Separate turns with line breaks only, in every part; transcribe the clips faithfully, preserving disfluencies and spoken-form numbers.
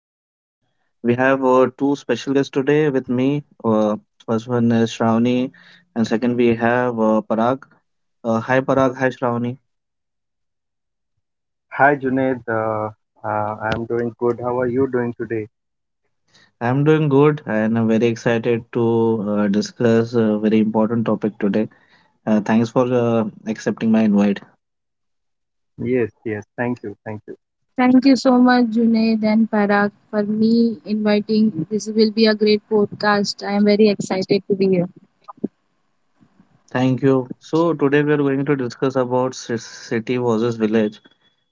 We have uh, two special guests today with me. Uh, first one is Shravani, and second we have uh, Parag. Uh, hi Parag, hi Shravani.
Hi Junaid, uh, uh, I'm doing good. How are you doing today?
I'm doing good and I'm very excited to uh, discuss a very important topic today. Uh, thanks for uh, accepting my invite.
Yes, yes, thank you, thank you.
Thank you so much, Junaid and Parag, for me inviting. This will be a great podcast. I am very excited to be here.
Thank you. So today we are going to discuss about ci- city versus village.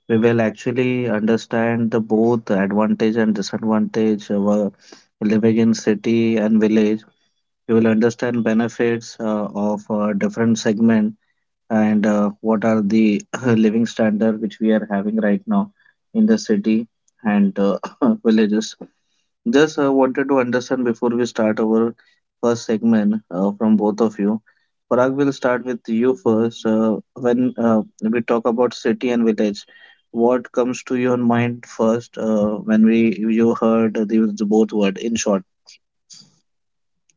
We will actually understand the both advantage and disadvantage of uh, living in city and village. We will understand benefits uh, of uh, different segment and uh, what are the living standard which we are having right now in the city and uh, villages just uh, wanted to understand before we start our first segment uh, from both of you. Parag, will start with you first. Uh, when uh, we talk about city and village, what comes to your mind first uh, when we you heard these both word in short?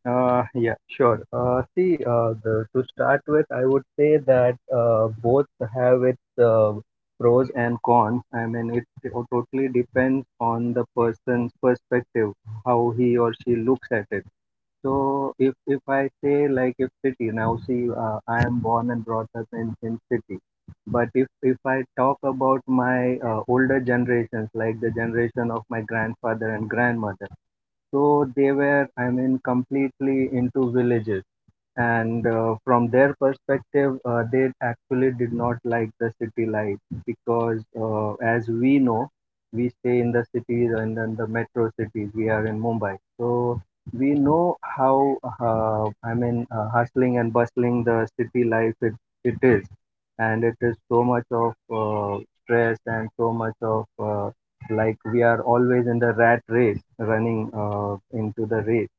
Uh, yeah, sure. Uh, see, uh, the, to start with, I would say that uh, both have its uh, pros and cons. I mean, it to- totally depends on the person's perspective, how he or she looks at it. So if if I say, like, if city now see, uh, I am born and brought up in in city, but if if I talk about my uh, older generations, like the generation of my grandfather and grandmother, so they were, I mean, completely into villages, and uh, from their perspective, uh, they actually did not like the city life, because, uh, as we know, we stay in the cities, and then the metro cities, we are in Mumbai, so we know how, uh, I mean, uh, hustling and bustling the city life it, it is, and it is so much of uh, stress, and so much of, uh, like, we are always in the rat race, running uh, into the race.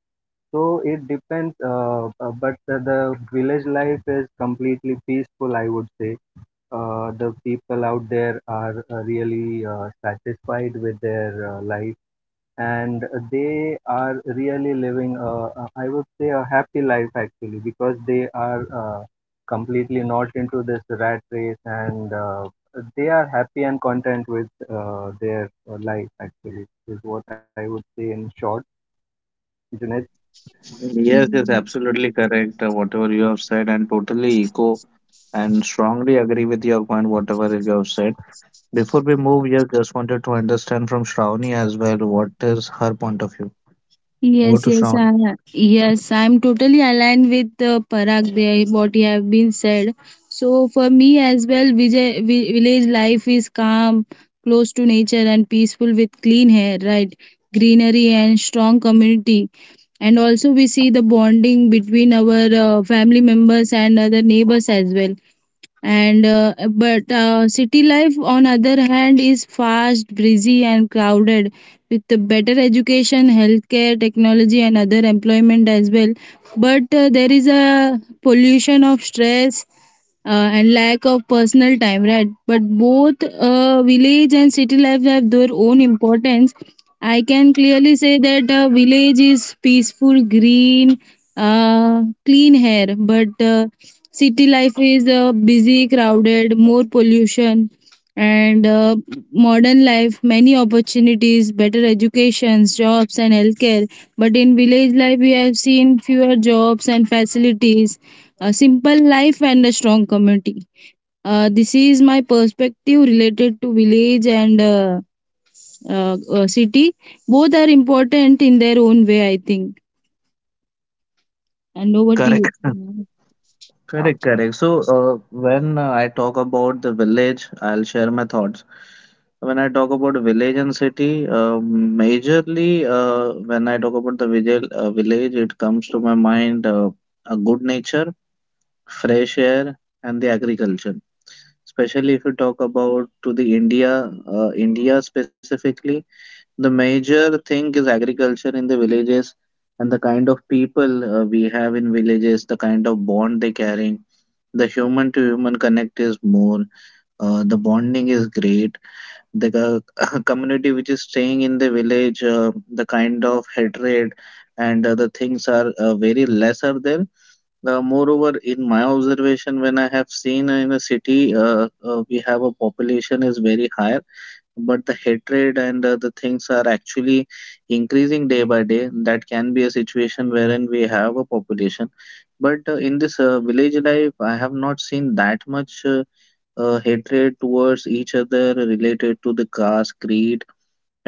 So it depends, uh, uh, but the, the village life is completely peaceful, I would say. Uh, the people out there are uh, really uh, satisfied with their uh, life, and they are really living, a- a- I would say, a happy life, actually, because they are uh, completely not into this rat race, and uh, they are happy and content with uh, their uh, life, actually, is what I would say in short, Junaid.
Yes, yes,
Yes,
absolutely correct. Uh, whatever you have said, and totally echo and strongly agree with your point. Whatever you have said. Before we move here, just wanted to understand from Shravani as well. What is her point of view? Go
yes,
to
yes, I,
Shravani.
yes. I'm totally aligned with uh, Parag. There, what you have been said. So for me as well, Vijay, vi- village life is calm, close to nature, and peaceful with clean air, right? Greenery and strong community. And also, we see the bonding between our uh, family members and other neighbors as well. and uh, but uh, city life on other hand is fast breezy and crowded with the better education healthcare technology and other employment as well, but uh, there is a pollution of stress, uh, and lack of personal time, right? But both uh, village and city life have their own importance. I can clearly say that uh, village is peaceful, green, uh, clean air, but uh, city life is uh, busy, crowded, more pollution, and uh, modern life, many opportunities, better educations, jobs, and healthcare. But in village life, we have seen fewer jobs and facilities, a simple life and a strong community. Uh, this is my perspective related to village and uh, uh, uh, city. Both are important in their own way, I think. And over to
Correct,
you.
correct, correct. So, uh, when uh, I talk about the village, I'll share my thoughts. When I talk about village and city, uh, majorly, uh, when I talk about the vigil, uh, village, it comes to my mind uh, a good nature, fresh air, and the agriculture. Especially if you talk about to the India, uh, India specifically, the major thing is agriculture in the villages, and the kind of people uh, we have in villages, the kind of bond they carry, the human to human connect is more, uh, the bonding is great, the co- community which is staying in the village, uh, the kind of hatred and other things are uh, very less are there. Uh, moreover, in my observation, when I have seen in a city, uh, uh, we have a population is very higher, but the hatred and uh, the things are actually increasing day by day. That can be a situation wherein we have a population, but uh, in this uh, village life I have not seen that much uh, uh, hatred towards each other related to the caste, creed,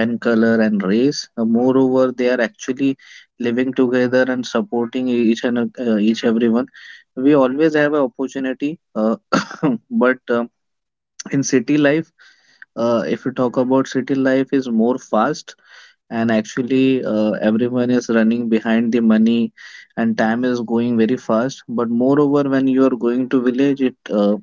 and color and race. Uh, moreover, they are actually living together and supporting e-, each and uh, each everyone. We always have an opportunity, uh, but um in city life, uh, if you talk about, city life is more fast, and actually uh, everyone is running behind the money and time is going very fast. But moreover, when you are going to village, it uh,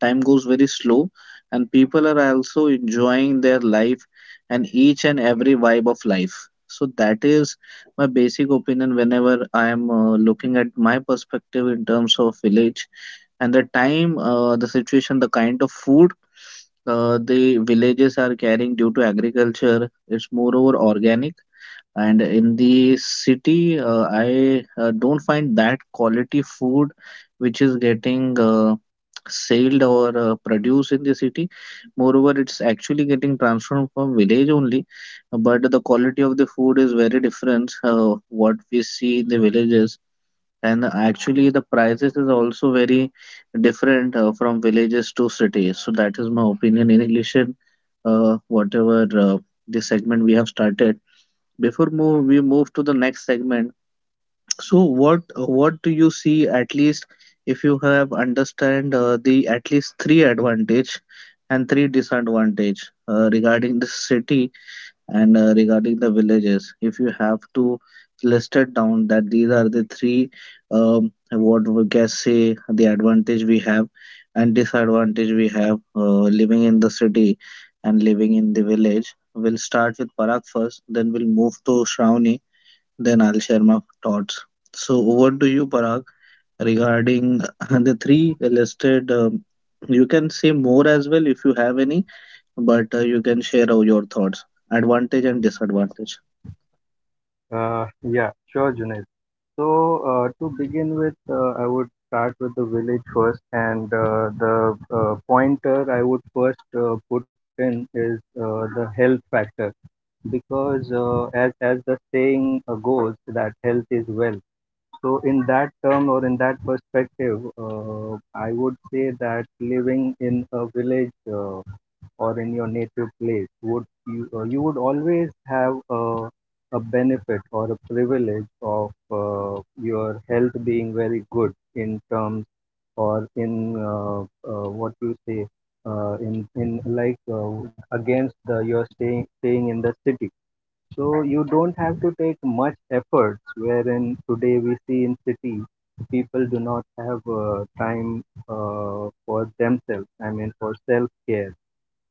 time goes very slow, and people are also enjoying their life and each and every vibe of life. So that is my basic opinion whenever I am uh, looking at my perspective in terms of village and the time, uh, the situation, the kind of food uh, the villages are carrying due to agriculture. It's moreover organic, and in the city, uh, I uh, don't find that quality food which is getting uh, sold or uh, produced in the city. Moreover, it's actually getting transformed from village only, but the quality of the food is very different. Uh, what we see in the villages, and actually the prices is also very different uh, from villages to cities. So that is my opinion in relation, uh, whatever uh, the segment we have started. Before move we move to the next segment, so what what do you see, at least if you have understand uh, the at least three advantage and three disadvantage uh, regarding the city and uh, regarding the villages, if you have to list it down, that these are the three, um, what we can say, the advantage we have and disadvantage we have uh, living in the city and living in the village. We'll start with Parag first, then we'll move to Shravani, then I'll share my thoughts. So over to you, Parag, regarding the three listed. Um, you can say more as well if you have any, but uh, you can share all your thoughts, advantage and disadvantage.
Uh, yeah, sure, Junaid. So, uh, to begin with, uh, I would start with the village first, and uh, the uh, pointer I would first uh, put in is uh, the health factor, because, uh, as, as the saying uh, goes, that health is wealth. So, in that term, or in that perspective, uh, I would say that living in a village, Uh, or in your native place, would you, uh, you would always have a, a benefit or a privilege of uh, your health being very good, in terms, or in, uh, uh, what you say, uh, in in like, uh, against the, you're staying staying in the city. So you don't have to take much efforts. Wherein today we see in cities, people do not have uh, time uh, for themselves. I mean, for self care,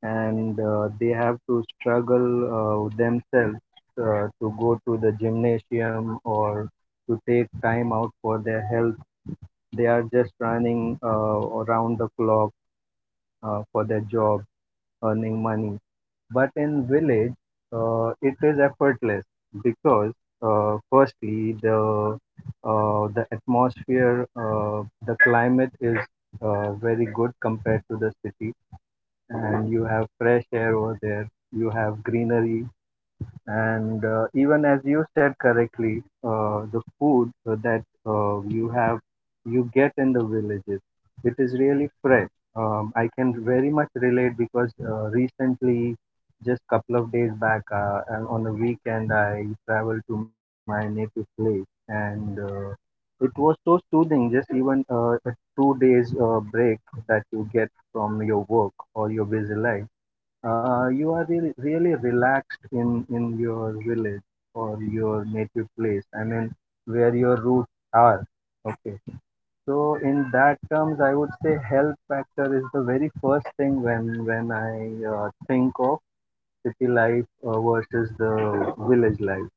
and uh, they have to struggle uh, themselves uh, to go to the gymnasium, or to take time out for their health. They are just running uh, around the clock, uh, for their job, earning money. But in village, uh, it is effortless, because, uh, firstly, the uh, the atmosphere, uh, the climate is uh, very good compared to the city, and you have fresh air over there. You have greenery, and uh, even as you said correctly, uh, the food that uh, you have, you get in the villages, it is really fresh. Um, I can very much relate, because uh, recently, just couple of days back, uh, and on a weekend, I traveled to my native place, and uh, it was so soothing. Just even uh, a two days uh, break that you get from your work or your busy life, uh, you are really, really relaxed in, in your village or your native place. I mean, where your roots are. Okay. So, in that terms, I would say health factor is the very first thing, when when I uh, think of city life uh, versus the village life.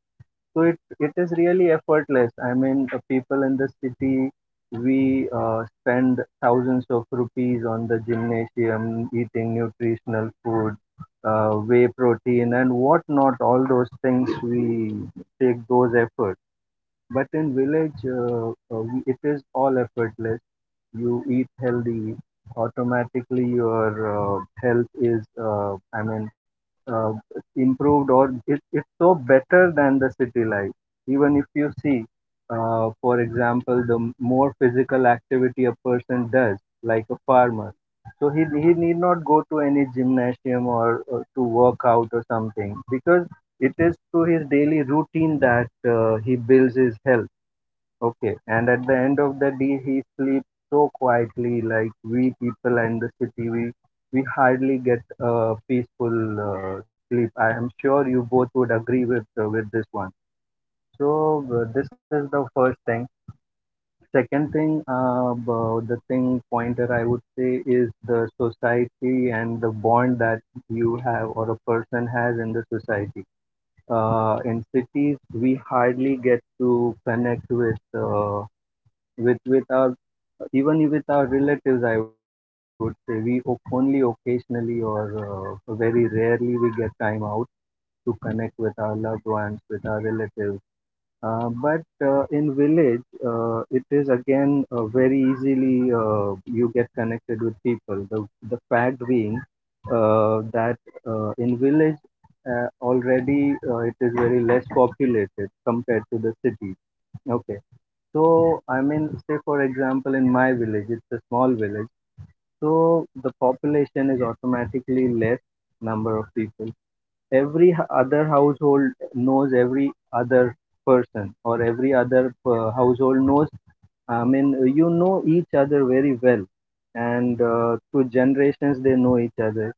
So it, it is really effortless. I mean, uh, people in the city, we uh, spend thousands of rupees on the gymnasium, eating nutritional food, uh, whey protein, and whatnot. All those things, we take those efforts. But in village, uh, uh, we- it is all effortless. You eat healthy, automatically your uh, health is, uh, I mean, uh, improved, or it, it's so better than the city life. Even if you see, uh, for example, the m- more physical activity a person does, like a farmer, so he, he need not go to any gymnasium, or, or to work out or something, because it is through his daily routine that uh, he builds his health. Okay, and at the end of the day, he sleeps so quietly, like we people and the city, we we hardly get a peaceful uh, sleep. I am sure you both would agree with uh, with this one. So, uh, this is the first thing. Second thing, uh, b- the thing pointer I would say is the society and the bond that you have, or a person has in the society. Uh, in cities, we hardly get to connect with. Uh, with with our, even with our relatives, I would say we o- only occasionally, or uh, very rarely, we get time out to connect with our loved ones, with our relatives, uh, but uh, in village, uh, it is again uh, very easily, uh, you get connected with people, the the fact being, uh, that uh, in village, uh, already, uh, it is very less populated compared to the city. Okay. So, I mean, say for example, in my village, it's a small village, so the population is automatically less, number of people. Every h- other household knows every other person, or every other uh, household knows. I mean, you know each other very well, and uh, through generations they know each other,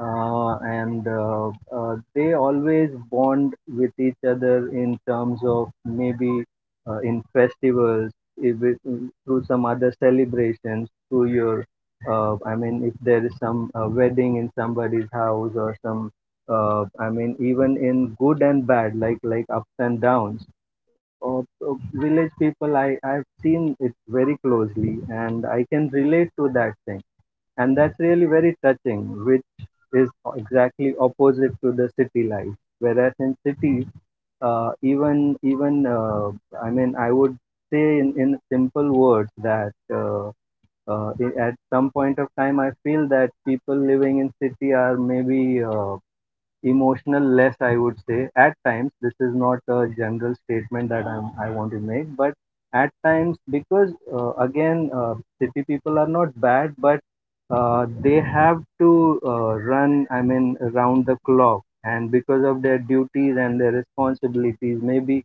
uh, and uh, uh, they always bond with each other in terms of, maybe uh, in festivals, if it, through some other celebrations, through your, uh, I mean, if there is some uh, wedding in somebody's house, or some, uh, I mean, even in good and bad, like like ups and downs of of village people. I i've seen it very closely, and I can relate to that thing, and that's really very touching, which is exactly opposite to the city life. Whereas in cities, uh, even even uh, I mean, I would say, in, in simple words, that uh, uh, i- at some point of time, I feel that people living in city are, maybe, uh, emotional less, I would say at times. This is not a general statement that I'm, i want to make, but at times, because, uh, again, uh, city people are not bad, but uh, they have to uh, run, I mean, around the clock, and because of their duties and their responsibilities, maybe,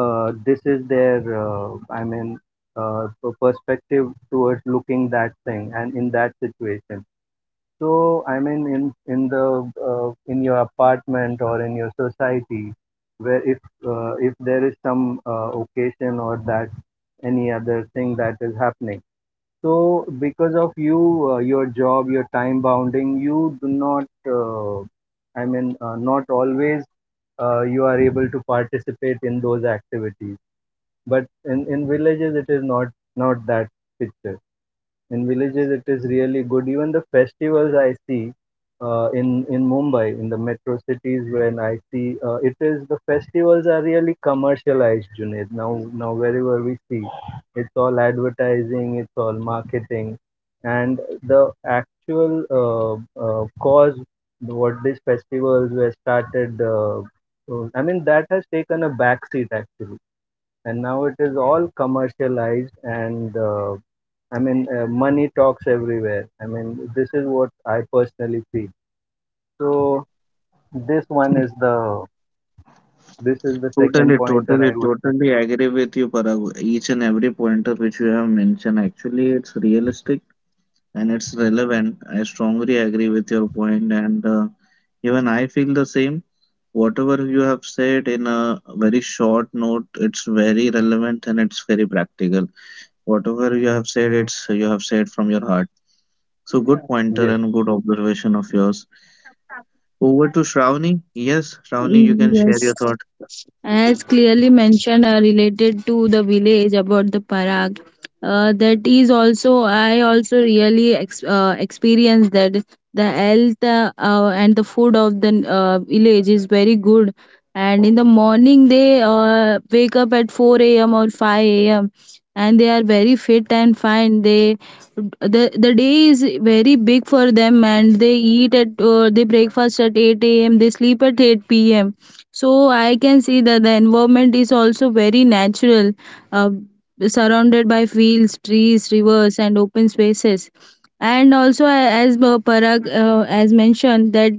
uh, this is their, uh, I mean, uh, p- perspective towards looking that thing and in that situation. So, I mean, in in the uh, in your apartment or in your society, where, if uh, if there is some uh, occasion, or that any other thing that is happening, so because of you, uh, your job, your time bounding, you do not, uh, I mean, uh, not always, uh, you are able to participate in those activities. But in in villages, it is not not that picture. In villages, it is really good. Even the festivals I see, uh, in in Mumbai, in the metro cities, when I see, uh, it is, the festivals are really commercialized, Junaid. Now now wherever we see, it's all advertising, it's all marketing, and the actual, uh, uh, cause what these festivals were started, uh, uh, I mean, that has taken a backseat, actually. And now it is all commercialized, and uh, I mean, uh, money talks everywhere. I mean, this is what I personally feel. So, this one is the this is the second
Totally,
pointer,
totally,
I would say.
totally agree with you, Parag. Each and every pointer which you have mentioned, actually, it's realistic and it's relevant. I strongly agree with your point, and uh, even I feel the same. Whatever you have said in a very short note, it's very relevant and it's very practical. Whatever you have said, it's you have said from your heart. So good pointer
Yes.
and good observation of yours. Over to Shravani. Yes, Shravani, you can share your
Yes.
thought.
As clearly mentioned, uh, related to the village about the Parag, uh, that is also I also really ex- uh, experienced that the health, uh, uh, and the food of the uh, village is very good, and in the morning they uh, wake up at four a.m or five a.m and they are very fit and fine. They the the day is very big for them, and they eat at, uh, they breakfast at eight a.m, they sleep at eight p.m. So I can see that the environment is also very natural, uh, surrounded by fields, trees, rivers, and open spaces. And also, a- as uh, Parag uh, as mentioned, that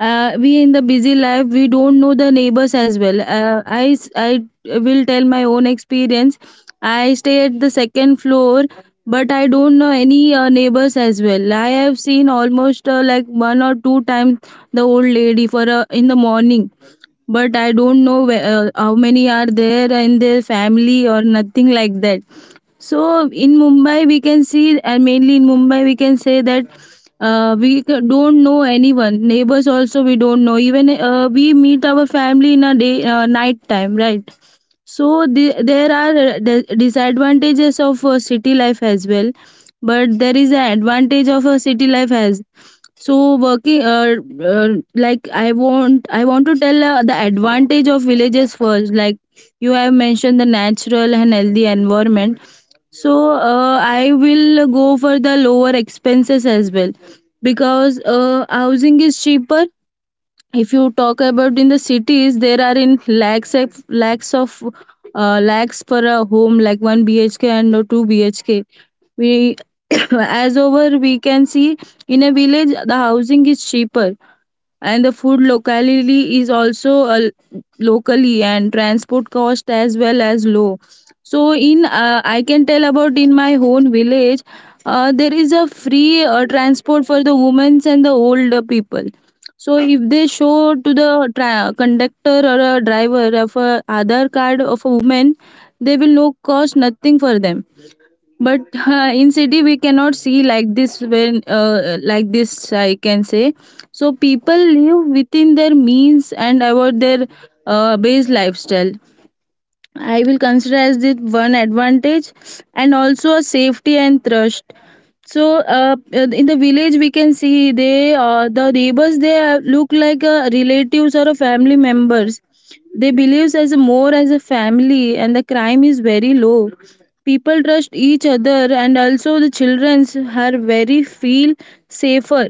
uh, we in the busy life, we don't know the neighbors as well. Uh, I s- I will tell my own experience. I stay at the second floor, but I don't know any uh, neighbors as well. I have seen almost, uh, like one or two times, the old lady for, uh, in the morning, but I don't know whe- uh, how many are there in their family or nothing like that. So in Mumbai, we can see, and mainly in Mumbai, we can say that uh, we c- don't know anyone. Neighbors also we don't know. Even uh, we meet our family in a day, uh, night time, right? So the, there are, uh, d- disadvantages of uh, city life as well, but there is an advantage of a city life as. So working, uh, uh, like I want, I want to tell, uh, the advantage of villages first. Like you have mentioned, the natural and healthy environment. So uh, I will go for the lower expenses as well, because uh, housing is cheaper. If you talk about in the cities, there are in lakhs of lakhs of uh, lakhs per a home, like one B H K and two B H K we as over we can see in a village the housing is cheaper, and the food locally is also uh, locally, and transport cost as well as low. So in, uh, I can tell about in my own village. Uh, there is a free uh, transport for the women and the older people. So if they show to the tra- conductor or a driver of a other card of a woman, they will no cost nothing for them. But uh, in city we cannot see like this. When, uh, like this I can say. So people live within their means and avoid their uh, base lifestyle. I will consider as it one advantage, and also a safety and trust. So uh, in the village we can see they, uh, the neighbors they are- look like uh, relatives or a family members. They believes as a, more as a family, and the crime is very low. People trust each other, and also the childrens are very feel safer.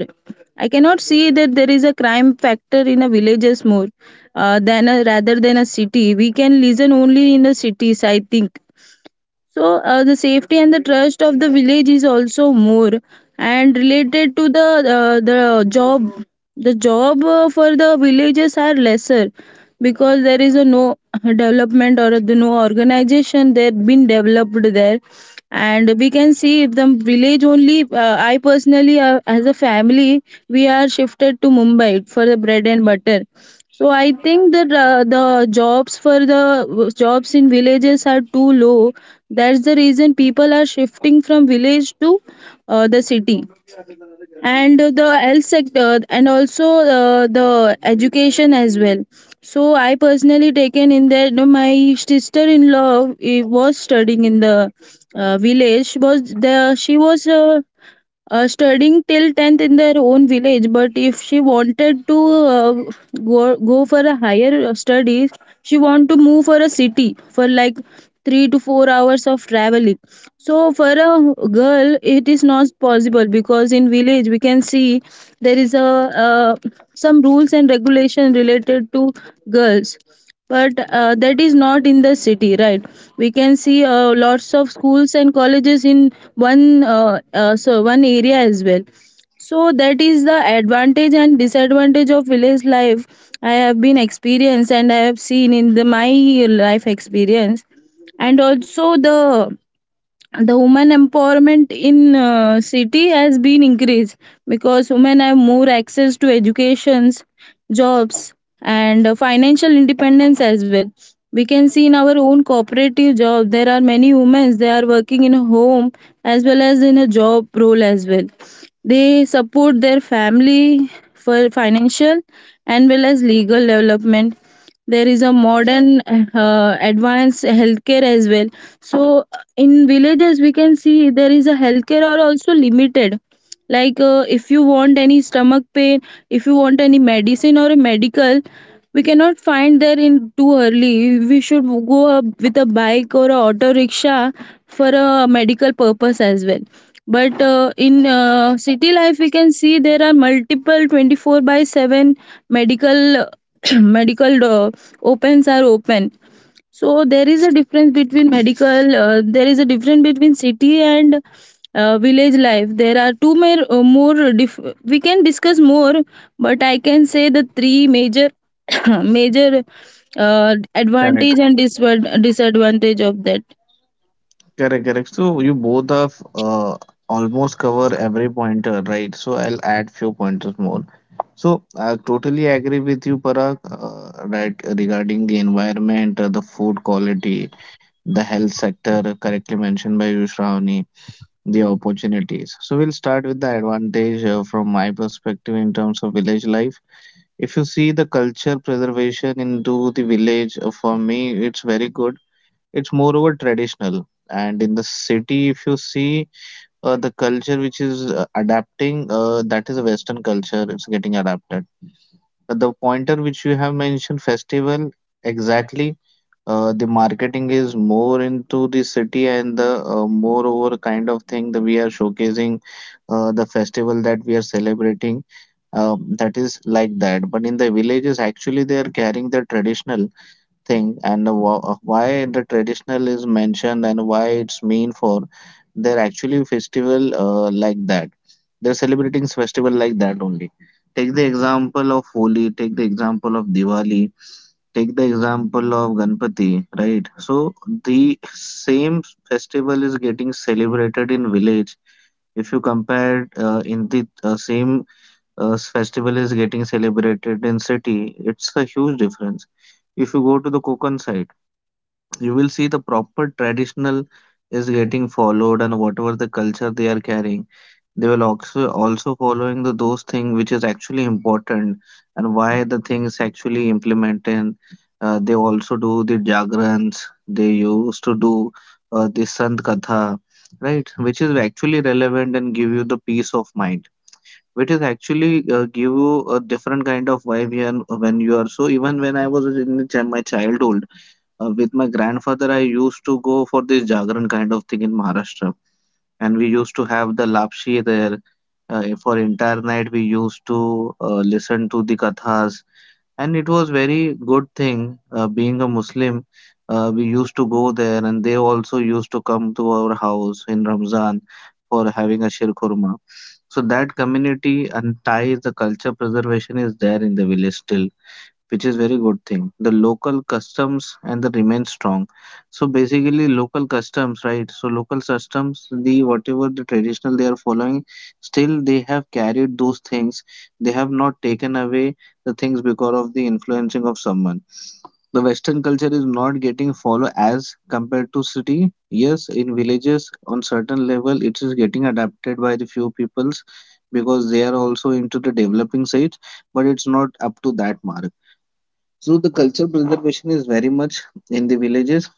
I cannot see that there is a crime factor in a villages more uh, than a, rather than a city. We can listen only in the cities, I think. So uh, the safety and the trust of the village is also more, and related to the uh, the job. The job, uh, for the villages are lesser because there is a no development or the no organization that been developed there. And we can see if the village only, uh, I personally, uh, as a family, we are shifted to Mumbai for the bread and butter. So I think that uh, the jobs for the, uh, jobs in villages are too low. That's the reason people are shifting from village to uh, the city. And the health sector, and also uh, the education as well. So I personally taken in that no, my sister-in-law, eh, was studying in the uh, village. Was there? She was, uh, uh, studying till tenth in their own village, but if she wanted to uh, go, go for a higher uh, studies, she want to move for a city for like three to four hours of traveling. So for a girl it is not possible, because in village we can see there is a, uh, some rules and regulation related to girls, but uh, that is not in the city, right? We can see uh, lots of schools and colleges in one, uh, uh, so one area as well. So that is the advantage and disadvantage of village life I have been experienced, and I have seen in the my life experience. And also the the women empowerment in uh, city has been increased because women have more access to educations, jobs, and uh, financial independence as well. We can see in our own cooperative job there are many women, they are working in a home as well as in a job role as well. They support their family for financial and well as legal development. There is a modern, uh, advanced healthcare as well. So in villages we can see there is a healthcare are also limited, like uh, if you want any stomach pain, if you want any medicine or a medical, we cannot find there in too early, we should go up with a bike or a auto rickshaw for a medical purpose as well. But uh, in uh, city life we can see there are multiple twenty four by seven medical medical uh, opens are open. So there is a difference between medical, uh, there is a difference between city and uh, village life. There are two more, uh, more dif- we can discuss more, but I can say the three major major uh,
Correct,
advantage and disva- disadvantage of that.
correct, correct. So you both have uh, almost cover every pointer, right? So I'll add few pointers more. So I totally agree with you, Parag, uh, right, regarding the environment, uh, the food quality, the health sector, uh, correctly mentioned by you, Shravani, the opportunities. So we'll start with the advantage uh, from my perspective in terms of village life. If you see the culture preservation into the village, uh, for me, it's very good. It's moreover traditional. And in the city, if you see uh, the culture which is uh, adapting, uh, that is a Western culture, it's getting adapted. Uh, the pointer which you have mentioned, festival, exactly. Uh, the marketing is more into the city, and the uh, moreover kind of thing that we are showcasing, uh, the festival that we are celebrating. Um, that is like that. But in the villages, actually, they are carrying the traditional thing, and the wha- uh, why the traditional is mentioned and why it's mean for their actually festival uh, like that. They're celebrating festival like that only. Take the example of Holi, take the example of Diwali, take the example of Ganpati, right? So the same festival is getting celebrated in village. If you compare uh, in the uh, same uh, festival is getting celebrated in city, it's a huge difference. If you go to the Konkan side, you will see the proper traditional is getting followed, and whatever the culture they are carrying, they will also also following the those things which is actually important and why the things actually implementing. Uh, they also do the jagrans, they used to do uh, the sant katha, right, which is actually relevant and give you the peace of mind, which is actually uh, give you a different kind of vibe here when you are so. Even when I was in the chi- my childhood, uh, with my grandfather, I used to go for this jagran kind of thing in Maharashtra, and we used to have the lapshi there. Uh, for entire night, we used to uh, listen to the kathas, and it was very good thing. Uh, being a Muslim, uh, we used to go there, and they also used to come to our house in Ramzan for having a shir kurma. So that community and tie, the culture preservation is there in the village still, which is very good thing. The local customs and the remain strong. So basically, local customs, right? So local customs, the whatever the traditional they are following, still they have carried those things. They have not taken away the things because of the influencing of someone. The Western culture is not getting follow as compared to city. Yes, in villages on certain level it is getting adapted by the few peoples because they are also into the developing stage, but it's not up to that mark. So the culture preservation is very much in the villages.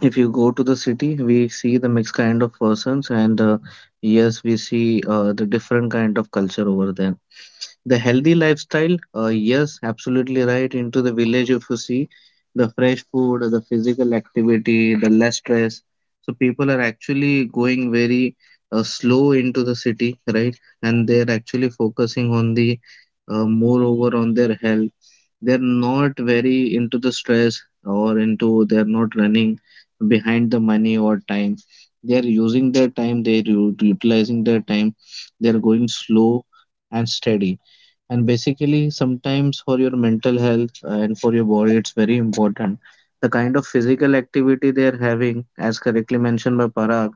If you go to the city, we see the mixed kind of persons, and uh, yes, we see uh, the different kind of culture over there. The healthy lifestyle, uh, yes, absolutely right. Into the village, if you see the fresh food, the physical activity, the less stress. So people are actually going very uh, slow into the city, right? And they're actually focusing on the uh, moreover on their health. They're not very into the stress, or into they're not running behind the money or time. They're using their time, they're u- utilizing their time, they're going slow and steady, and basically sometimes for your mental health and for your body it's very important, the kind of physical activity they are having, as correctly mentioned by Parag,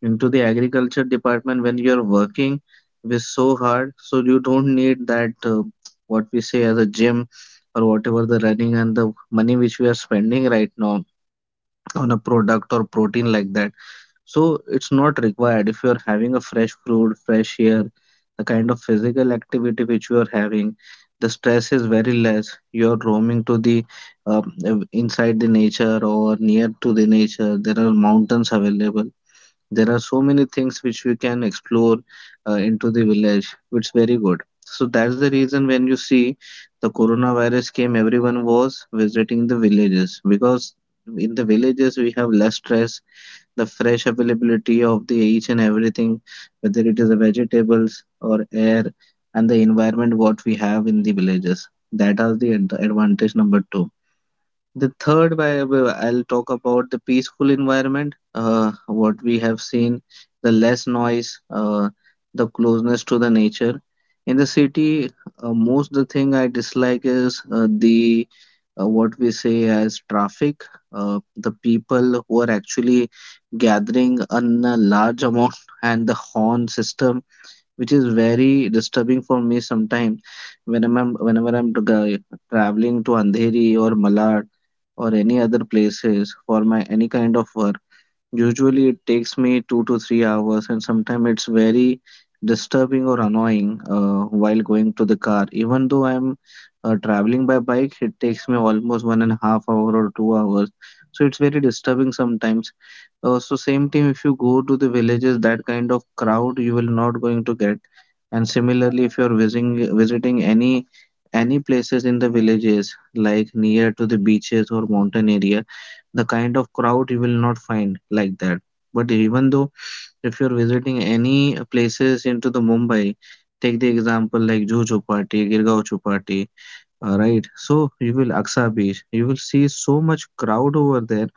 into the agriculture department when you're working with so hard. So you don't need that, uh, what we say as a gym, or whatever the running and the money which we are spending right now on a product or protein like that. So it's not required if you are having a fresh fruit, fresh air, the kind of physical activity which you are having, the stress is very less. You are roaming to the um, uh, inside the nature or near to the nature. There are mountains available. There are so many things which we can explore uh, into the village. It's very good. So that's the reason when you see the coronavirus came, everyone was visiting the villages because in the villages we have less stress, the fresh availability of the each and everything, whether it is the vegetables or air and the environment what we have in the villages. That is the ad- advantage number two. The third, why- why- I'll talk about the peaceful environment. Uh, what we have seen, the less noise, uh, the closeness to the nature. In the city, uh, most the thing I dislike is uh, the uh, what we say as traffic. Uh, the people who are actually gathering a large amount and the horn system which is very disturbing for me sometimes whenever I'm, whenever I'm tra- traveling to Andheri or Malad or any other places for my any kind of work. Usually it takes me two to three hours, and sometimes it's very disturbing or annoying uh, while going to the car. Even though I'm uh, traveling by bike, it takes me almost one and a half hour or two hours. So it's very disturbing sometimes. Uh, so same time, if you go to the villages, that kind of crowd you will not going to get. And similarly, if you're visiting visiting any any places in the villages, like near to the beaches or mountain area, the kind of crowd you will not find like that. But even though if you're visiting any places into the Mumbai, take the example like Juhu Chowpatty, Girgaon Chowpatty, uh, Right, so you will Aksa Beach. You will see so much crowd over there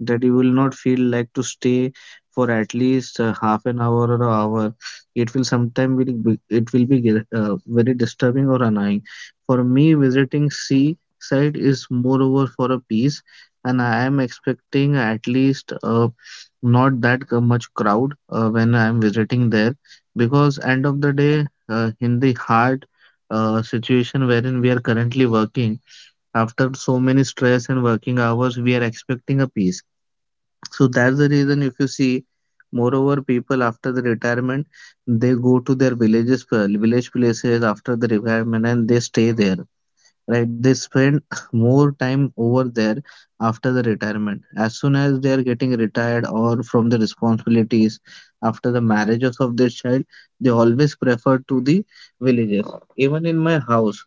that you will not feel like to stay for at least uh, half an hour or an hour. It will sometime will be, it will be get- uh, very disturbing or annoying. For me, visiting seaside is moreover for a peace, and I am expecting at least uh, not that c- much crowd uh, when I am visiting there because end of the day uh, in the heart uh, situation wherein we are currently working after so many stress and working hours we are expecting a peace, so that's the reason if you see moreover people after the retirement they go to their villages, uh, village places after the retirement and they stay there, right? They spend more time over there after the retirement as soon as they are getting retired or from the responsibilities after the marriages of their child. They always prefer to the villages. Even in my house,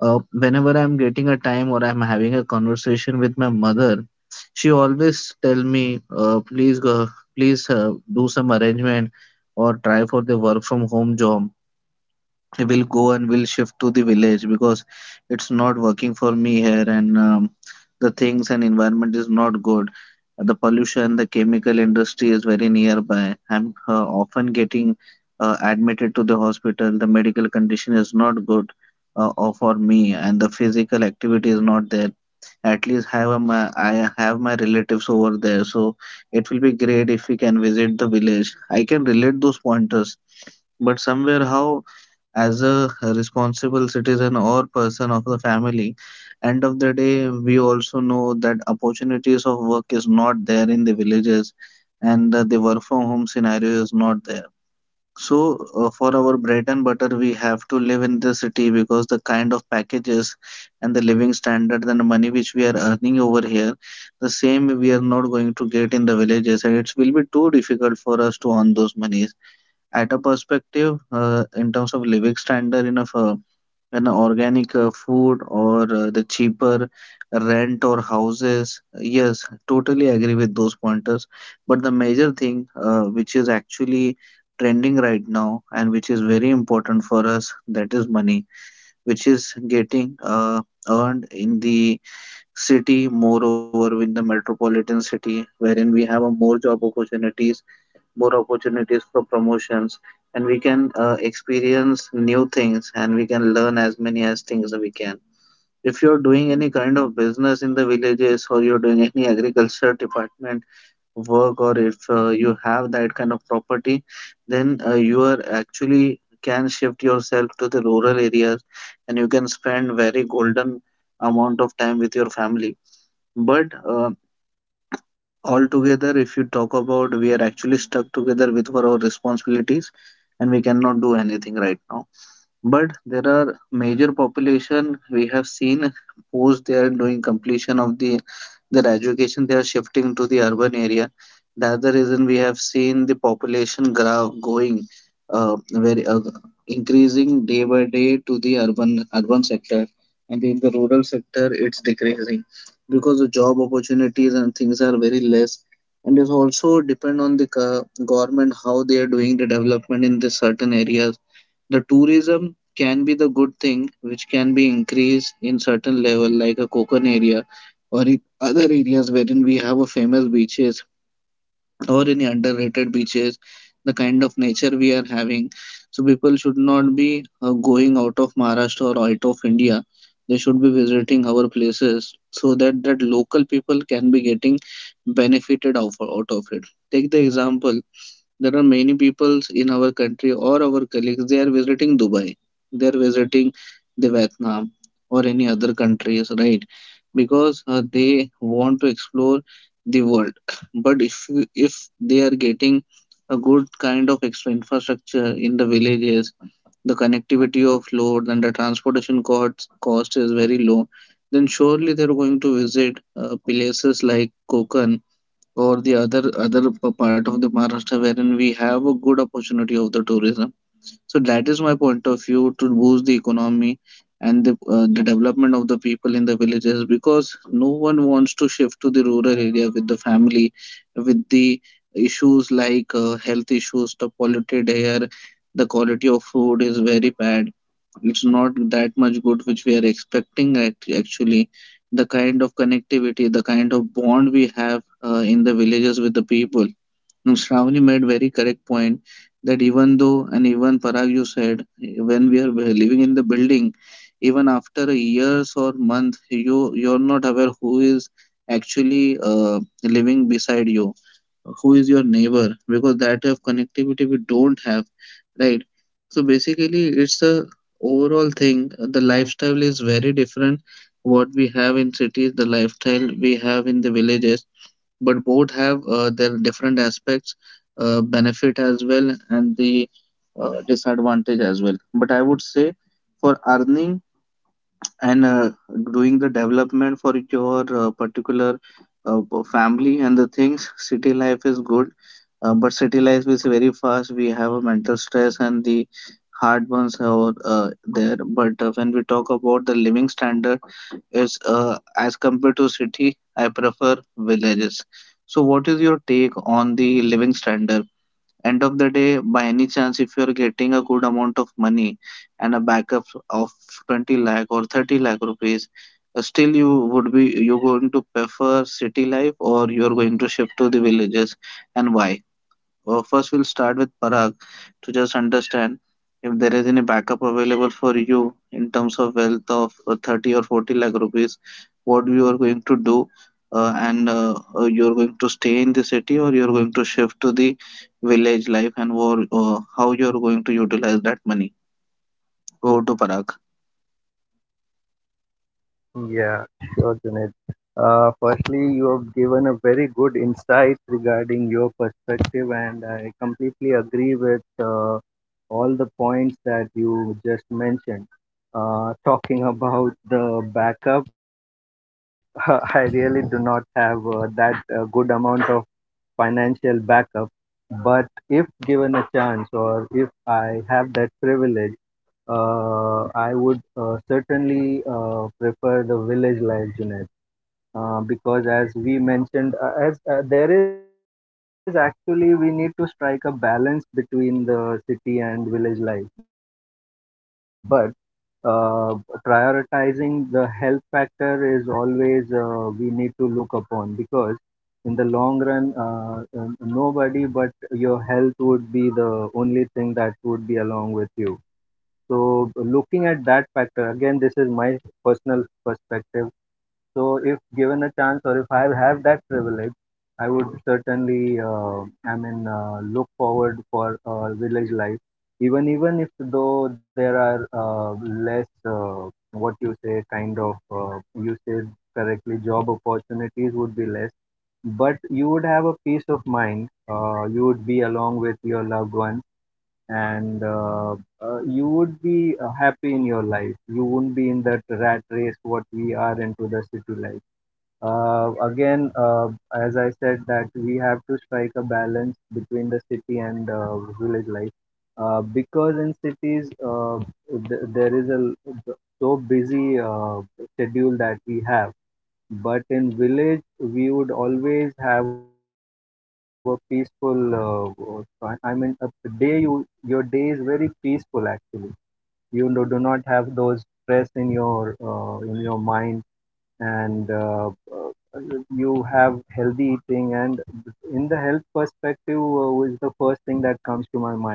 uh, whenever I'm getting a time or I'm having a conversation with my mother, she always tell me, uh, please go, please uh, do some arrangement or try for the work from home job. Will go and will shift to the village because it's not working for me here and um, the things and environment is not good, the pollution, the chemical industry is very nearby. I'm uh, often getting uh, admitted to the hospital. The medical condition is not good uh, uh, for me and the physical activity is not there. At least have a, my, I have my relatives over there, so it will be great if we can visit the village. I can relate those pointers, but somewhere, how, as a responsible citizen or person of the family, end of the day, we also know that opportunities of work is not there in the villages, and uh, the work from home scenario is not there. So, uh, for our bread and butter, we have to live in the city because the kind of packages and the living standard and the money which we are earning over here, the same we are not going to get in the villages, and it will be too difficult for us to earn those monies at a perspective uh, in terms of living standard in a f- an organic uh, food or uh, the cheaper rent or houses. Yes, totally agree with those pointers, but the major thing uh, which is actually trending right now and which is very important for us, that is money, which is getting uh, earned in the city, moreover in the metropolitan city wherein we have a more job opportunities, more opportunities for promotions, and we can uh, experience new things and we can learn as many as things we can. If you're doing any kind of business in the villages or you're doing any agriculture department work, or if uh, you have that kind of property, then uh, you are actually can shift yourself to the rural areas and you can spend very golden amount of time with your family. But uh, altogether if you talk about, we are actually stuck together with our responsibilities and we cannot do anything right now. But there are major population we have seen post they are doing completion of the their education, they are shifting to the urban area. That's the reason we have seen the population graph going uh, very uh, increasing day by day to the urban urban sector, and in the rural sector it's decreasing because the job opportunities and things are very less, and it also depend on the co- government how they are doing the development in the certain areas. The tourism can be the good thing which can be increased in certain level, like a Kokon area or in other areas wherein we have a famous beaches or any underrated beaches, the kind of nature we are having. So people should not be uh, going out of Maharashtra or out of India. They should be visiting our places so that that local people can be getting benefited out, out of it. Take the example, there are many peoples in our country or our colleagues, they are visiting Dubai, they are visiting the Vietnam or any other countries, right? Because uh, they want to explore the world. But if you- if they are getting a good kind of extra infrastructure in the villages, the connectivity of load and the transportation cost cost is very low, then surely they're going to visit uh, places like Kokan or the other other p- part of the Maharashtra wherein we have a good opportunity of the tourism. So that is my point of view to boost the economy and the, uh, the development of the people in the villages, because no one wants to shift to the rural area with the family, with the issues like uh, health issues, the polluted air, the quality of food is very bad, it's not that much good which we are expecting act- actually. The kind of connectivity, the kind of bond we have uh, in the villages with the people. No, Shravani made very correct point that even though, and even Parag, you said, when we are living in the building, even after a years or month, you you're not aware who is actually uh, living beside you, who is your neighbor, because that type of connectivity we don't have, right? So basically, it's a overall thing. The lifestyle is very different. What we have in cities, the lifestyle we have in the villages, but both have uh, their different aspects, uh, benefit as well, and the uh, disadvantage as well. But I would say for earning and uh, doing the development for your uh, particular uh, p- family and the things, city life is good. Uh, but city life is very fast, we have a mental stress and the hard ones are uh, there. But uh, when we talk about the living standard, is uh, as compared to city, I prefer villages. So what is your take on the living standard? End of the day, by any chance, if you're getting a good amount of money and a backup of twenty lakh or thirty lakh rupees, uh, still you would be you going to prefer city life or you're going to shift to the villages, and why? Uh, first, we'll start with Parag to just understand if there is any backup available for you in terms of wealth of uh, thirty or forty lakh rupees, what you are going to do, uh, and uh, uh, you're going to stay in the city or you're going to shift to the village life, and wor- uh, how you're going to utilize that money. Go to Parag.
Uh, yeah. Sure, Junaid. Uh, firstly, you have given a very good insight regarding your perspective, and I completely agree with uh, all the points that you just mentioned. Uh, talking about the backup, I really do not have uh, that uh, good amount of financial backup, but if given a chance, or if I have that privilege, uh, I would uh, certainly uh, prefer the village life, Junaid. Uh, because, as we mentioned, uh, as uh, there is actually, we need to strike a balance between the city and village life, but, uh, prioritizing the health factor is always, uh, we need to look upon, because in the long run, uh, um, nobody but your health would be the only thing that would be along with you. So, looking at that factor, again, this is my personal perspective. So, if given a chance, or if I have that privilege, I would certainly, uh, I mean, uh, look forward for uh, village life. Even even if though there are uh, less, uh, what you say, kind of, uh, you said correctly, job opportunities would be less, but you would have a peace of mind. Uh, you would be along with your loved ones, and uh, uh, you would be uh, happy in your life. You wouldn't be in that rat race what we are into the city life. Uh, again, uh, as I said, that we have to strike a balance between the city and uh, village life. Uh, because in cities, uh, th- there is a so busy uh, schedule that we have, but in village, we would always have a peaceful. Uh, uh, I I mean, a a day you your day is very peaceful actually. You do, do not have those stress in your uh, in your mind, and uh, uh, you have healthy eating. And in the health perspective, uh, is the first thing that comes to my mind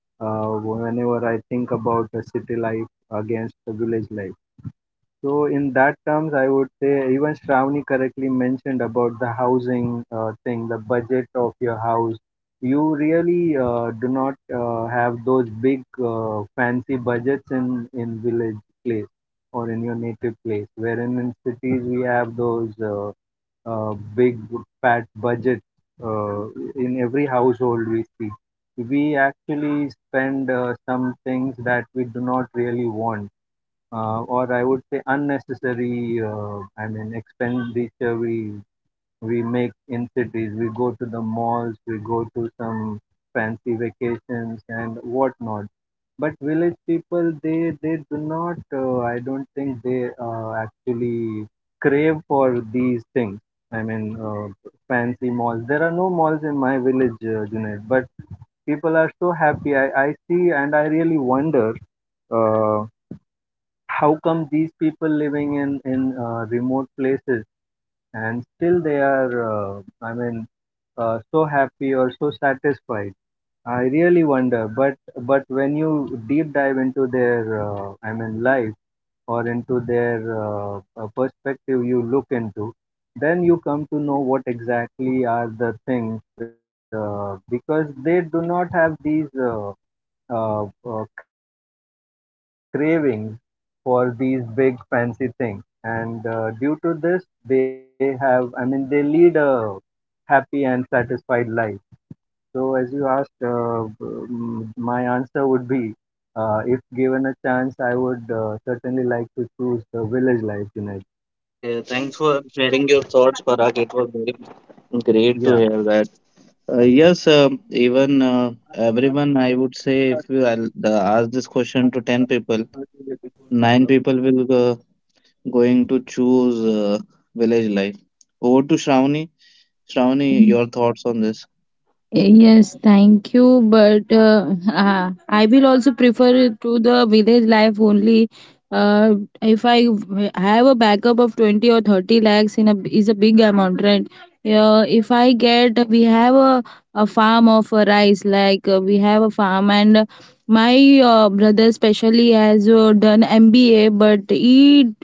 uh, whenever I think about the city life against the village life. So in that terms, I would say even Shravani correctly mentioned about the housing uh, thing, the budget of your house. You really uh, do not uh, have those big uh, fancy budgets in in village place or in your native place. Wherein in cities we have those uh, uh, big fat budgets uh, in every household we see. We actually spend uh, some things that we do not really want uh, or I would say unnecessary, uh, I mean, expenditure we we make in cities. We go to the malls, we go to some fancy vacations and whatnot. But village people, they they do not. Uh, I don't think they uh, actually crave for these things. I mean, uh, Fancy malls. There are no malls in my village, uh, Junaid, but people are so happy. I, I see and I really wonder. Uh, how come these people living in in uh, remote places and still they are uh, i mean uh, so happy or so satisfied. I really wonder, but but when you deep dive into their uh, i mean life or into their uh, uh, perspective you look into, then you come to know what exactly are the things, uh, because they do not have these uh, uh, uh, craving for these big fancy things. And uh, due to this they have, i mean they lead a happy and satisfied life. So as you asked, uh, mm, my answer would be, uh, if given a chance I would uh, certainly like to choose the village life, Junaid.
Okay, thanks for sharing your thoughts, Parag. It was very great to hear
yeah
that. Uh, yes, um even uh, everyone, I would say, if you al- the, ask this question to ten people, nine people will uh, going to choose uh, village life. Over to Shravani. Shravani, your thoughts on this?
Yes, thank you. But uh, uh, I will also prefer to the village life only. Uh, if I have a backup of twenty or thirty lakhs, in a is a big amount, right? Yeah, if I get we have a, a farm of a rice, like uh, we have a farm, and my uh, brother specially has uh, done M B A, but he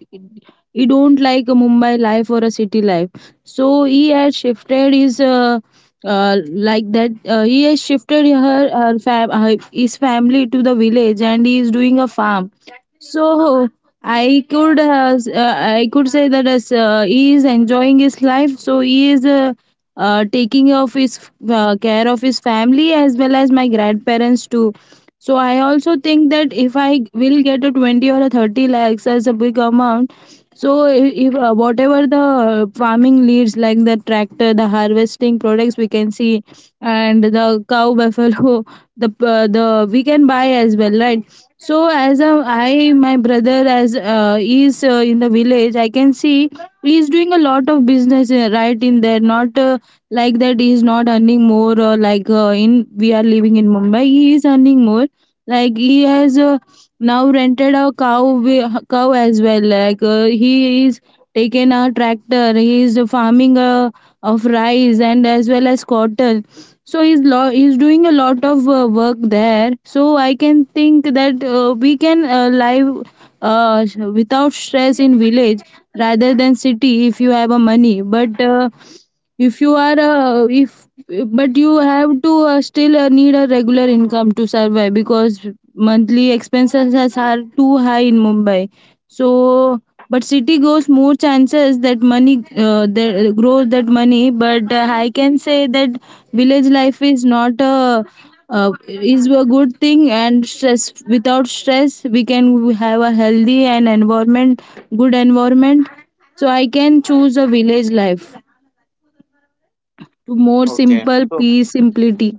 he don't like a Mumbai life or a city life. So he has shifted his. Uh, uh, like that, uh, he has shifted her, her fam- her- his family to the village, and he is doing a farm. So i could uh, s- uh, i could say that as, uh, he is enjoying his life, so he is, uh, uh, taking of his uh, care of his family as well as my grandparents too. So I also think that if I will get a twenty or a thirty lakhs as a big amount. So, i- if uh, whatever the uh, farming leads, like the tractor, the harvesting products, we can see, and the cow, buffalo, the uh, the we can buy as well, right? So, as a, I, my brother, as uh, is uh, in the village, I can see he is doing a lot of business, uh, right in there. Not uh, like that, he is not earning more. Uh, like uh, in we are living in Mumbai, he is earning more. Like he has. Uh, now rented a cow wi- cow as well, like uh, he is taken a tractor, he is farming uh, of rice and as well as cotton, so he's lo- he's doing a lot of uh, work there. So I can think that uh, we can uh, live uh, without stress in village rather than city if you have a money. But uh, if you are uh, if but you have to uh, still uh, need a regular income to survive, because monthly expenses has- are too high in Mumbai. So but city goes more chances that money uh, that grows that money, but uh, I can say that village life is not a uh, is a good thing, and stress without stress we can have a healthy and environment, good environment. So I can choose a village life to more
Okay.
simple
So
peace, simplicity.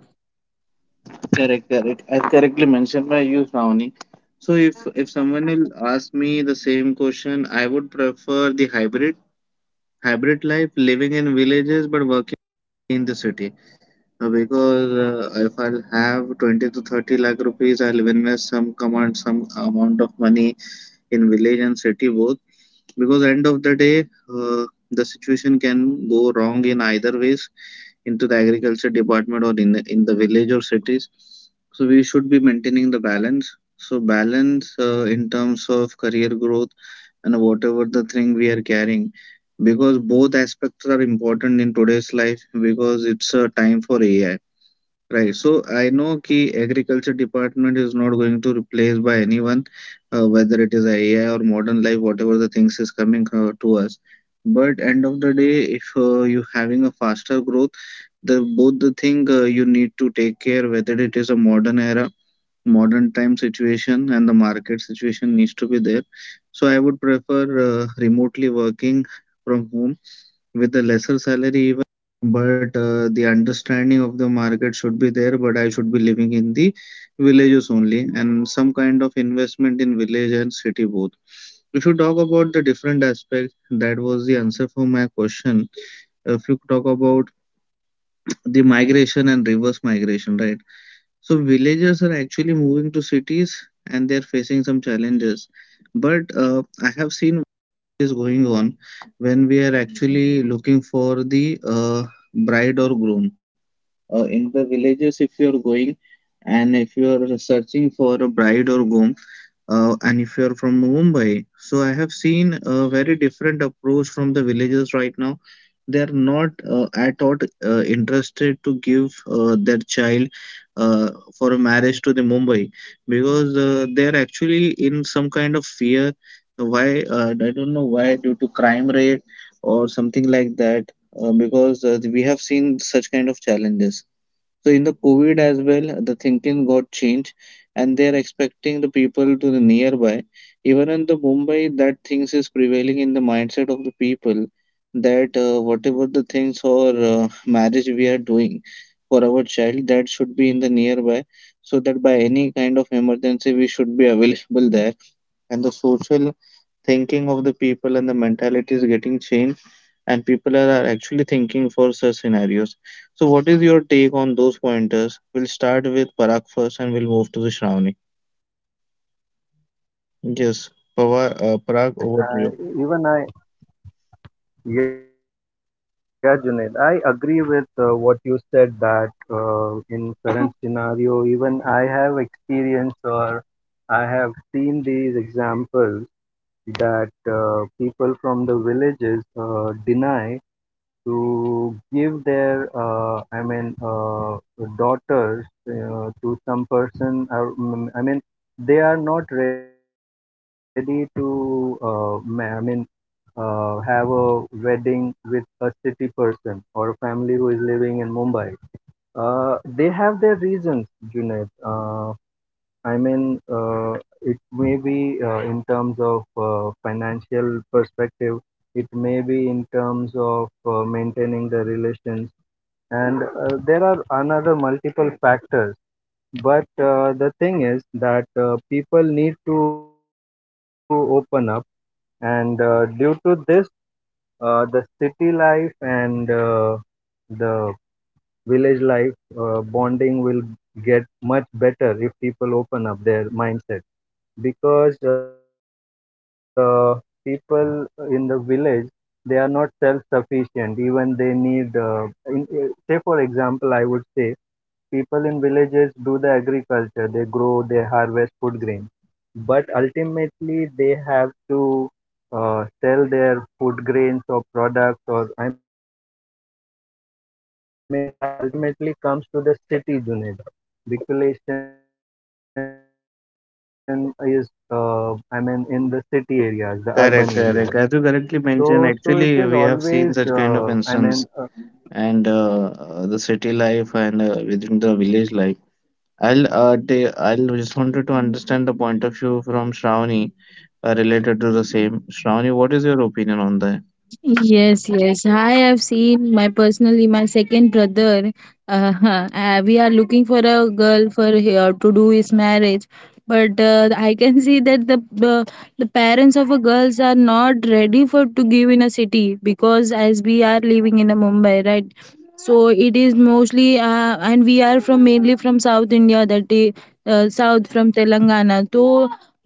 correct, correct. As correctly mentioned by you, Shravani. So if if someone will ask me the same question, I would prefer the hybrid hybrid life, living in villages but working in the city. Uh, because uh, if I'll have twenty to thirty lakh rupees, I'll invest some command, some amount of money in village and city both. Because end of the day, uh, the situation can go wrong in either ways into the agriculture department or in the, in the village or cities. So we should be maintaining the balance. So balance uh, in terms of career growth and whatever the thing we are carrying, because both aspects are important in today's life because it's a time for A I. Right. So I know ki agriculture department is not going to replace by anyone, uh, whether it is A I or modern life, whatever the things is coming uh, to us. But end of the day, if uh, you having a faster growth, the both the thing uh, you need to take care, whether it is a modern era, modern time situation, and the market situation needs to be there. So I would prefer uh, remotely working from home with a lesser salary even, but uh, the understanding of the market should be there, but I should be living in the villages only, and some kind of investment in village and city both. If you talk about the different aspects, that was the answer for my question. If you talk about the migration and reverse migration, right, so villagers are actually moving to cities and they're facing some challenges. But uh, I have seen what is going on when we are actually looking for the uh, bride or groom. Uh, in the villages, if you are going and if you are searching for a bride or groom, uh, and if you're from Mumbai, so I have seen a very different approach from the villagers right now. They are not uh, at all uh, interested to give uh, their child uh, for a marriage to the Mumbai because uh, they are actually in some kind of fear. Why? Uh, I don't know why, due to crime rate or something like that. Uh, because uh, we have seen such kind of challenges. So in the COVID as well, the thinking got changed, and they are expecting the people to the nearby. Even in the Mumbai, that things is prevailing in the mindset of the people, that uh, whatever the things or uh, marriage we are doing for our child, that should be in the nearby, so that by any kind of emergency we should be available there. And the social thinking of the people and the mentality is getting changed, and people are actually thinking for such scenarios. So, what is your take on those pointers? We'll start with Parag first and we'll move to the Shravani. Yes, Pava- uh, Parag, over to you.
yeah junaid uh, even i Yeah, Junaid, I agree with uh, what you said, that uh, in current scenario, even I have experienced, or I have seen these examples, that uh, people from the villages uh, deny to give their, uh, I mean, uh, daughters uh, to some person. Or, mm, I mean, they are not ready to, uh, ma- I mean, uh, have a wedding with a city person or a family who is living in Mumbai. Uh, they have their reasons, Junaid. Uh, I mean, uh, it may be uh, in terms of uh, financial perspective, it may be in terms of uh, maintaining the relations, and uh, there are another multiple factors. But uh, the thing is that uh, people need to open up, and uh, due to this, uh, the city life and uh, the village life uh, bonding will get much better if people open up their mindset, because uh, people in the village, they are not self sufficient, even they need uh, in, uh, say for example, I would say, people in villages do the agriculture, they grow, they harvest food grains. But ultimately they have to uh, sell their food grains or products, or i mean that ultimately comes to the city, Junaid. Because uh, there is more, i mean uh, the maximum population is uh, i mean in the city areas, the urban
Correct,
areas.
correct. As you correctly
so
mentioned,
so it is
actually, we have
always
seen such
uh,
kind of
i mean uh,
instance, and uh, uh, the city life and uh, within the village life. I'll uh, ta- I'll just wanted to understand the point of view from Shravani uh, related to the same. Shravani, what is your opinion on that?
Yes, yes, I have seen my personally my second brother. Uh, uh, we are looking for a girl for here to do his marriage, but uh, I can see that the uh, the parents of a girls are not ready for to give in a city, because as we are living in a Mumbai, right? So it is mostly uh, and we are from mainly from South India, that is uh, south from Telangana. So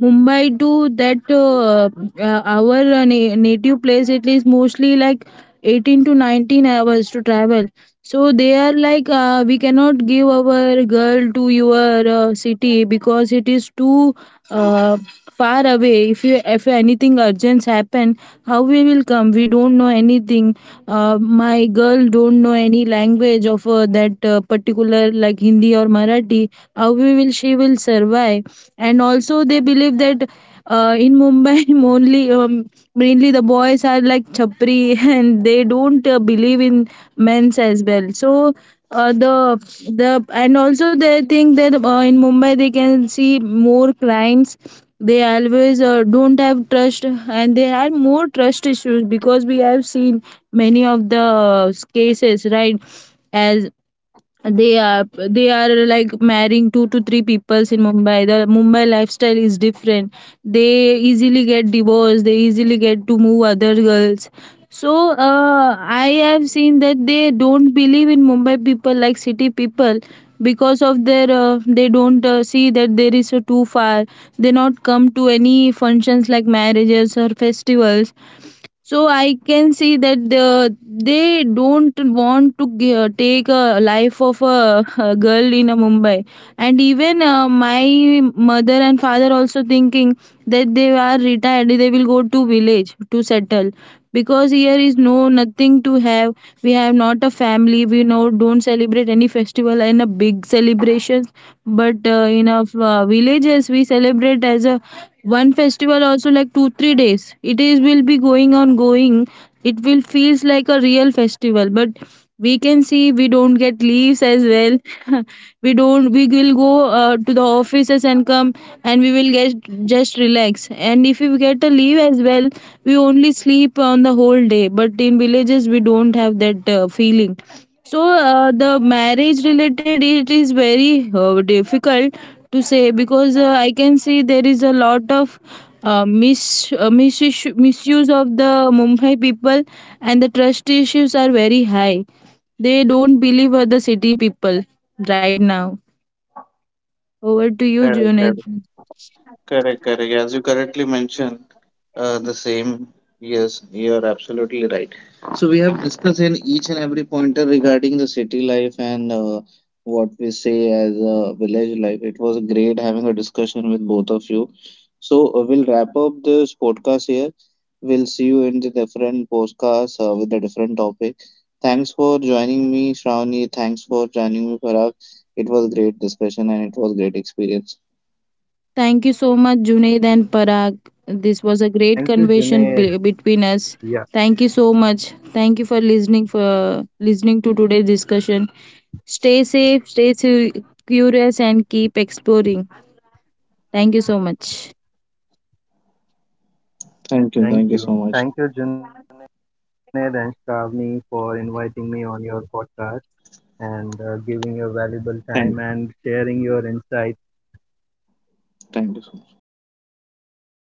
Mumbai to that uh, uh, our uh, na- native place, it is mostly like eighteen to nineteen hours to travel. So they are like, uh, we cannot give our girl to your uh, city because it is too uh, far away. If you, if anything urgent happen, how we will come? We don't know anything. Uh, my girl don't know any language of uh, that uh, particular, like Hindi or Marathi. How we will she will survive? And also they believe that uh, in Mumbai only, um, mainly the boys are like chapri and they don't uh, believe in men's as well. So uh, the the and also they think that uh, in Mumbai they can see more crimes, they always uh, don't have trust, and they have more trust issues because we have seen many of the uh, cases, right? As they are they are like marrying two to three peoples in Mumbai. The Mumbai lifestyle is different, they easily get divorced, they easily get to move other girls. So uh, I have seen that they don't believe in Mumbai people, like city people, because of their uh, they don't uh, see that there is a too far, they not come to any functions like marriages or festivals. So I can see that the, they don't want to g- uh, take a life of a, a girl in a Mumbai. And even uh, my mother and father also thinking that they are retired, they will go to village to settle, because here is no nothing to have, we have not a family, we no don't celebrate any festival and a big celebrations. But uh, in a uh, uh, villages we celebrate as a one festival also like two three days, it is will be going on going, it will feels like a real festival. But we can see we don't get leaves as well. We don't, we will go uh, to the offices and come and we will get just relax. And if we get a leave as well, we only sleep on the whole day. But in villages we don't have that uh, feeling. So uh, the marriage related, it is very uh, difficult to say, because uh, I can see there is a lot of uh, mis uh, misuse misuse of the Mumbai people, and the trust issues are very high. They don't believe uh, the city people right now. Over to you,
Correct,
Junaid.
correct, correct, correct. As you correctly mentioned, uh, the same. Yes, you're absolutely right. So we have discussed in each and every pointer regarding the city life and uh, what we say as a village life. It was great having a discussion with both of you. So uh, we'll wrap up this podcast here. We'll see you in the different podcasts uh, with a different topic. Thanks for joining me, Shravani. Thanks for joining me, Parag. It was great discussion and it was great experience.
Thank you so much, Junaid and Parag.
uh,
This was a
thank you,
great
Junaid.
conversation be- between
Yeah.
us. Thank you so much. Thank you for listening for listening to today's discussion. Stay safe, stay cu- curious, and keep exploring. Thank you so much.
Thank you. Thank you,
Thank you.
Junaid
Thank
and
you so much.
Shravani, for inviting me on your podcast, and uh, giving your valuable time and sharing your insights,
Thank,
valuable thoughts on this topic. Thank you so much.
thank you so much.